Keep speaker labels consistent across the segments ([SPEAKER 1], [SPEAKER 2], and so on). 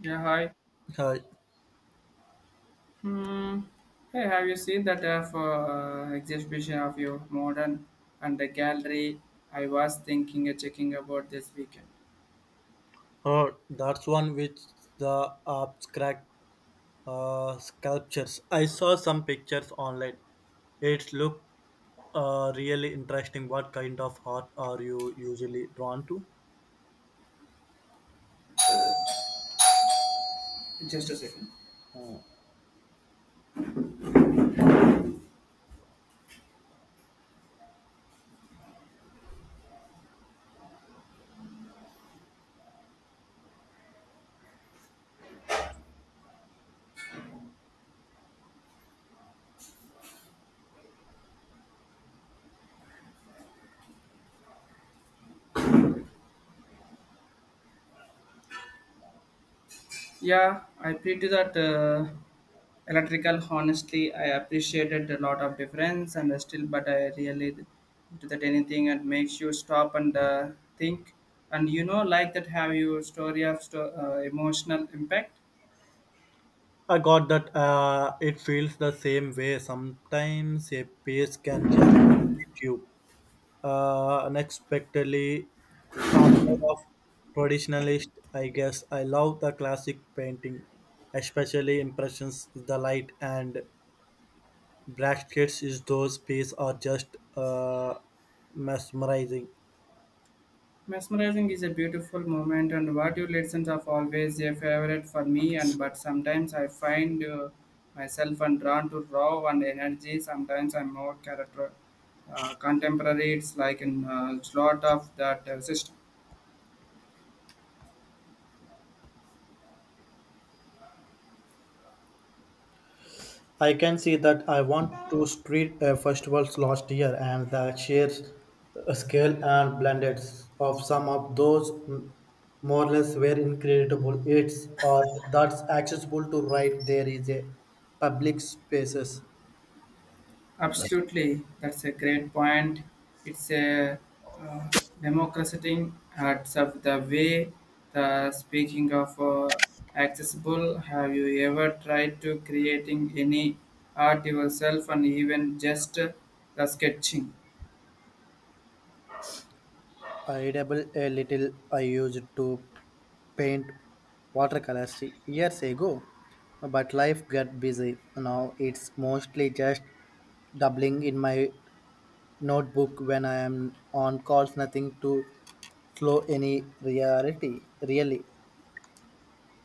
[SPEAKER 1] Yeah, hi.
[SPEAKER 2] Uh,
[SPEAKER 1] Hmm. Hey, have you seen that exhibition of your modern and the gallery? I was thinking of checking about this weekend.
[SPEAKER 2] that's one which the abstract sculptures. I saw some pictures online. It looked really interesting. What kind of art are you usually drawn to?
[SPEAKER 1] Just a second. Yeah, I pretty that electrical. Honestly, I appreciated a lot of difference, and still, but I really do that anything and makes you stop and think. And you know, like that, have you story of emotional impact?
[SPEAKER 2] I got that it feels the same way. Sometimes a piece can just hit you unexpectedly. I'm more of traditionalist, I guess. I love the classic painting, especially impressions, the light and Brackets is those pieces are just mesmerizing.
[SPEAKER 1] Mesmerizing is a beautiful moment, and what you listen of always a favorite for me. And but sometimes I find myself and drawn to raw and energy. Sometimes I'm more character contemporary. It's like a lot of that system.
[SPEAKER 2] I can see that I went to street festivals last year, and the sheer scale and blended of some of those more or less were incredible. It's art that's accessible to right there is a public spaces.
[SPEAKER 1] Absolutely, that's a great point. It's a uh, democratizing heads of the way. The speaking of accessible, have you ever tried to creating any art yourself and even just the sketching?
[SPEAKER 2] I dabble a little. I used to paint watercolors years ago, but life got busy. Now it's mostly just doubling in my notebook when I am on calls, nothing to slow any reality, really.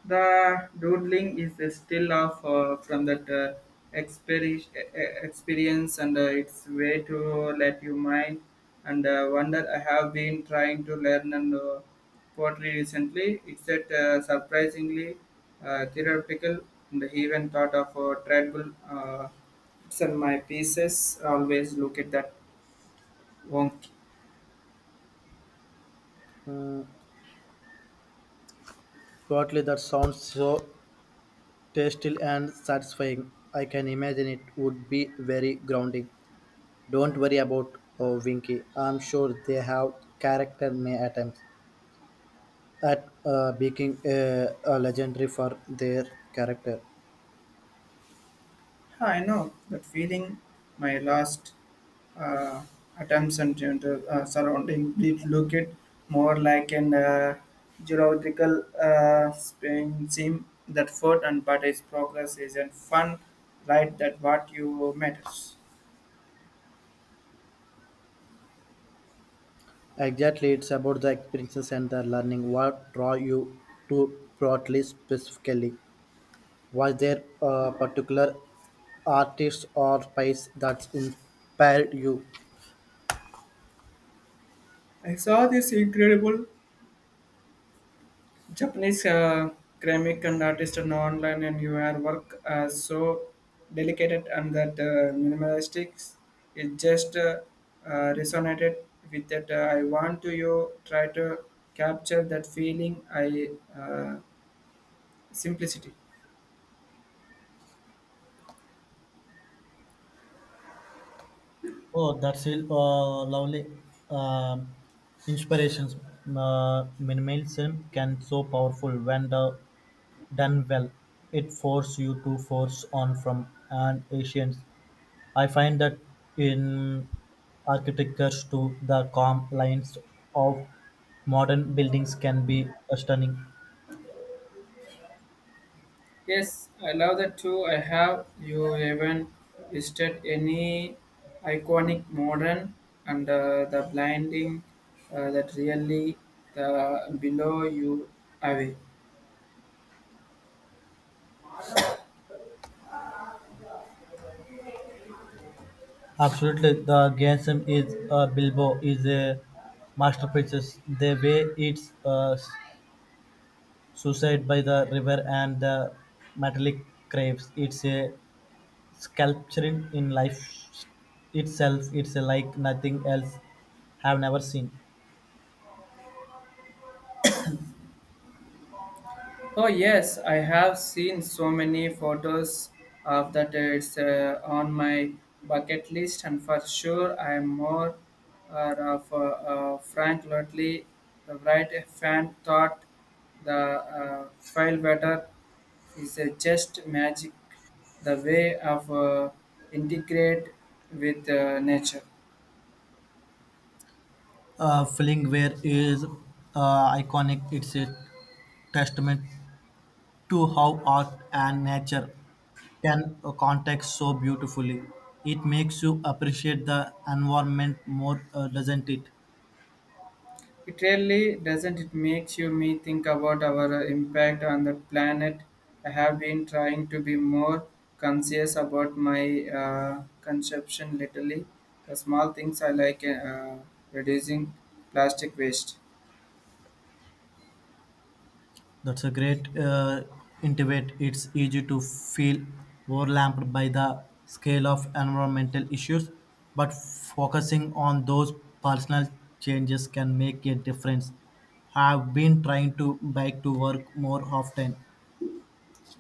[SPEAKER 1] The doodling is a still off from that experience, and it's way to let you mind and wonder. I have been trying to learn and poetry recently. It's that surprisingly theoretical, and even thought of tribal. It's my pieces. Always look at that wonky.
[SPEAKER 2] Mm. Totally. That sounds so tasty and satisfying. I can imagine it would be very grounding. Don't worry about oh, Winky. I'm sure they have character may attempts at being a legendary for their character.
[SPEAKER 1] Huh, I know that feeling. My last uh, attempts and gender, surrounding did look it more like an geological spin seam that foot and but its progress is a fun right that what you matters.
[SPEAKER 2] Exactly, it's about the experiences and the learning. What draw you to broadly specifically? Was there a particular artist or piece that inspired you?
[SPEAKER 1] I saw this incredible Japanese ceramic and artist and online and your work are so delicate and that minimalistic it just resonated with that I want to you try to capture that feeling I uh, simplicity.
[SPEAKER 2] Oh, that's a lovely um inspirations. Minimalism can so powerful when the, done well. It force you to force on from an Asians I find that in architecture too, the calm lines of modern buildings can be stunning.
[SPEAKER 1] Yes, I love that too. I have you even visited any iconic modern and the blinding that really the below you away.
[SPEAKER 2] Absolutely, the Gensum is Bilbo is a masterpiece. The way it's suicide by the river and the metallic craves. It's a sculpture in life itself. It's like nothing else have never seen.
[SPEAKER 1] Oh yes, I have seen so many photos of that. It's on my bucket list, and for sure, I am more of Frank Lutley, the right fan. Thought the uh, file weather is just magic. The way of integrate with nature.
[SPEAKER 2] Fillingware is iconic. It's a testament to how art and nature can contact so beautifully. It makes you appreciate the environment more, doesn't it?
[SPEAKER 1] It really doesn't. It makes you me think about our impact on the planet. I have been trying to be more conscious about my consumption lately. The small things I like reducing plastic waste.
[SPEAKER 2] That's a great intimate. It's easy to feel overwhelmed by the scale of environmental issues, but focusing on those personal changes can make a difference. I've been trying to bike to work more often.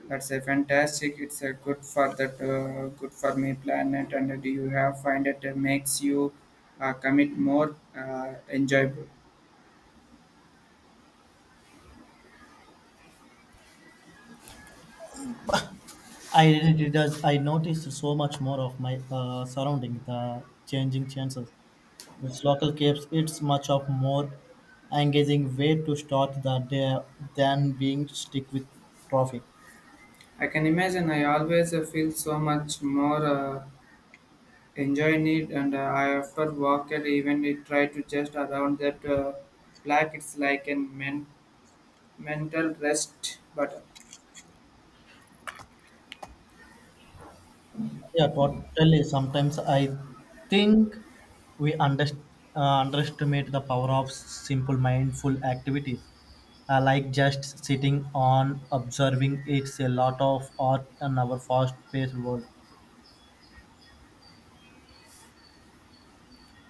[SPEAKER 1] That's a fantastic. It's a good for that good for me planet. And do you have find it makes you commit more enjoyable?
[SPEAKER 2] I really does. I noticed so much more of my surrounding, the changing chances. This local keeps it's much of more engaging way to start the day than being stick with traffic.
[SPEAKER 1] I can imagine. I always feel so much more. Enjoying it and I often walk and even it try to just around that black it's like a mental rest but
[SPEAKER 2] Yeah, totally. Sometimes I think we underestimate the power of simple mindful activities. Like just sitting on observing it's a lot of art in our fast-paced world.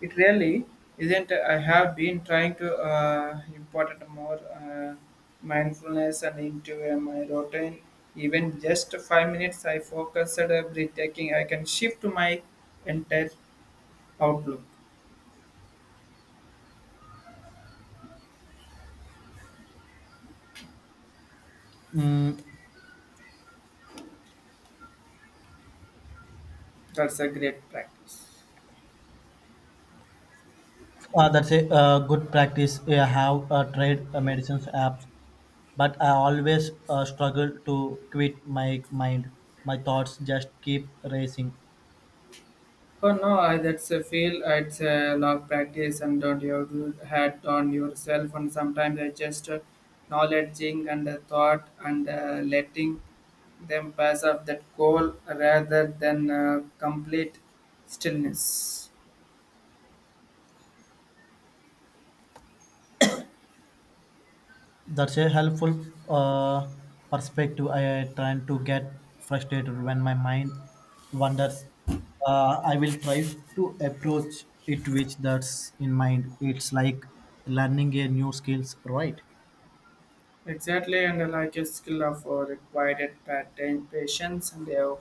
[SPEAKER 1] it really isn't. I have been trying to import more mindfulness and into my routine, even just 5 minutes I focus at breathtaking I can shift my entire outlook.
[SPEAKER 2] Mm.
[SPEAKER 1] That's a great practice.
[SPEAKER 2] That's a good practice. Yeah, I have tried medicines apps, but I always struggle to quit my mind. My thoughts just keep racing.
[SPEAKER 1] Oh no, that's a feel. It's a lot of practice and don't you had on yourself. And sometimes I just knowledging and thought and letting them pass off that goal rather than complete stillness.
[SPEAKER 2] That's a helpful uh, perspective. I trying to get frustrated when my mind wanders. I will try to approach it with that's in mind. It's like learning a new skills, right?
[SPEAKER 1] Exactly, and like a skill of required pattern patience and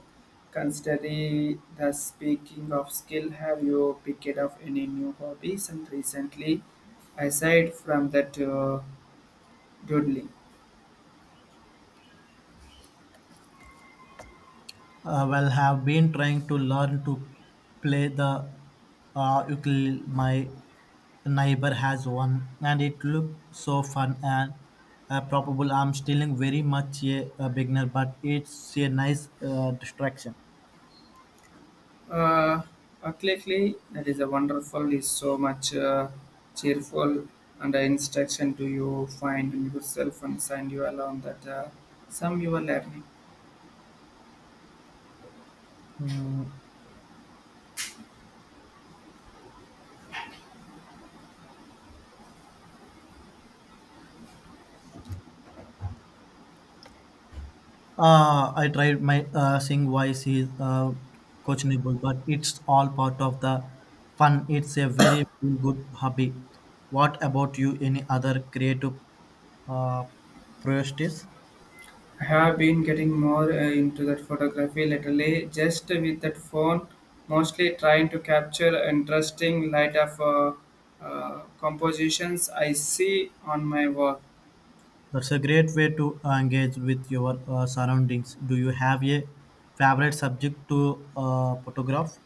[SPEAKER 1] considering the speaking of skill. Have you picked up any new hobbies and recently, aside from that? Dudley.
[SPEAKER 2] Well, have been trying to learn to play the ukulele. My neighbor has one, and it looked so fun and probable. I'm still very much a beginner, but it's a nice distraction.
[SPEAKER 1] Uh, Accurately, that is a wonderful. Is so much cheerful and instruction to you find in yourself and send you along that some you are learning.
[SPEAKER 2] Mm. I tried my sing voice is questionable, but it's all part of the fun. It's a very good hobby. What about you? Any other creative uh, priorities?
[SPEAKER 1] I have been getting more into that photography lately, just with that phone, mostly trying to capture interesting light of compositions I see on my work.
[SPEAKER 2] That's a great way to engage with your surroundings. Do you have a favorite subject to photograph?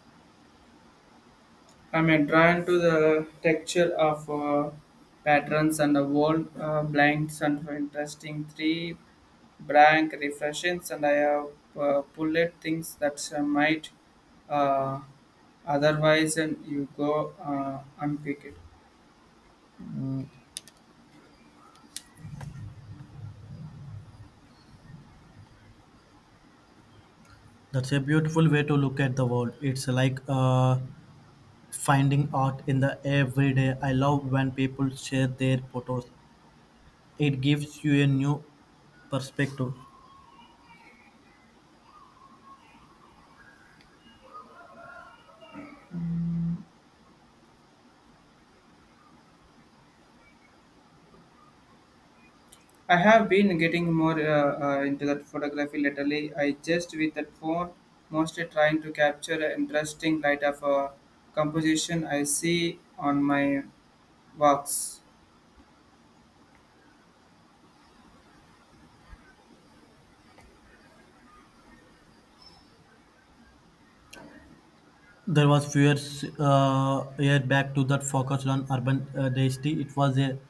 [SPEAKER 1] I'm drawn to the texture of patterns and the wall blanks and interesting three blank reflections and I have pulled things that might uh, otherwise and you go unpick it.
[SPEAKER 2] That's a beautiful way to look at the world. It's like finding art in the everyday. I love when people share their photos. It gives you a new perspective.
[SPEAKER 1] Mm, I have been getting more into that photography lately. I just with that phone mostly trying to capture an interesting light of a composition I see on my walks.
[SPEAKER 2] There was few years, year back to that focused on urban density. It was a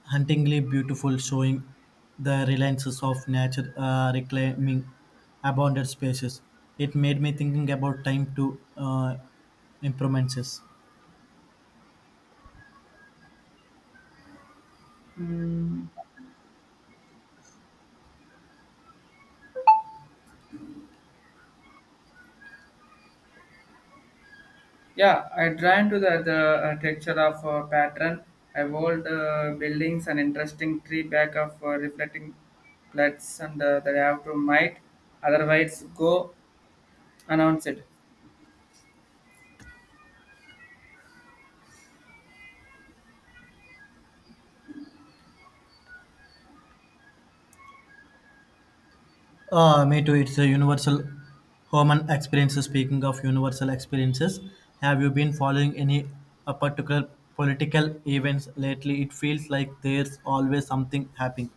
[SPEAKER 2] huntingly beautiful showing the reliances of nature reclaiming abandoned spaces. It made me thinking about time to improvements.
[SPEAKER 1] Mm, yeah, I drawn to the texture of pattern. I walled buildings and interesting tree back of reflecting floods and that I have to might otherwise go announce it.
[SPEAKER 2] Me too. It's a universal human experiences. Speaking of universal experiences, have you been following any a particular political events lately? It feels like there's always something happening.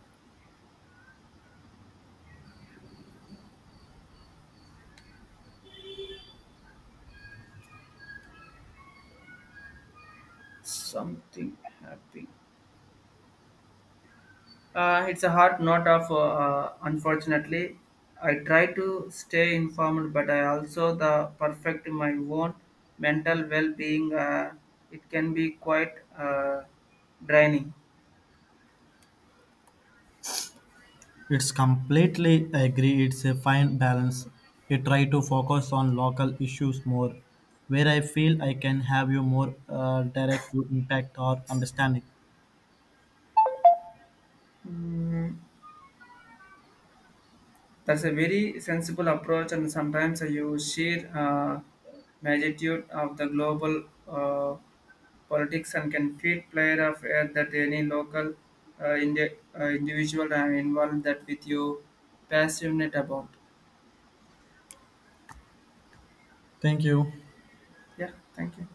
[SPEAKER 1] It's a hard note of unfortunately. I try to stay informed, but I also the perfect my own mental well-being. It can be quite draining.
[SPEAKER 2] It's completely agree. It's a fine balance. I try to focus on local issues more, where I feel I can have you more direct impact or understanding.
[SPEAKER 1] Mm, that's a very sensible approach, and sometimes you sheer magnitude of the global politics and can feed player of air that any local individual and involved that with you passionate about.
[SPEAKER 2] Thank you.
[SPEAKER 1] Yeah, thank you.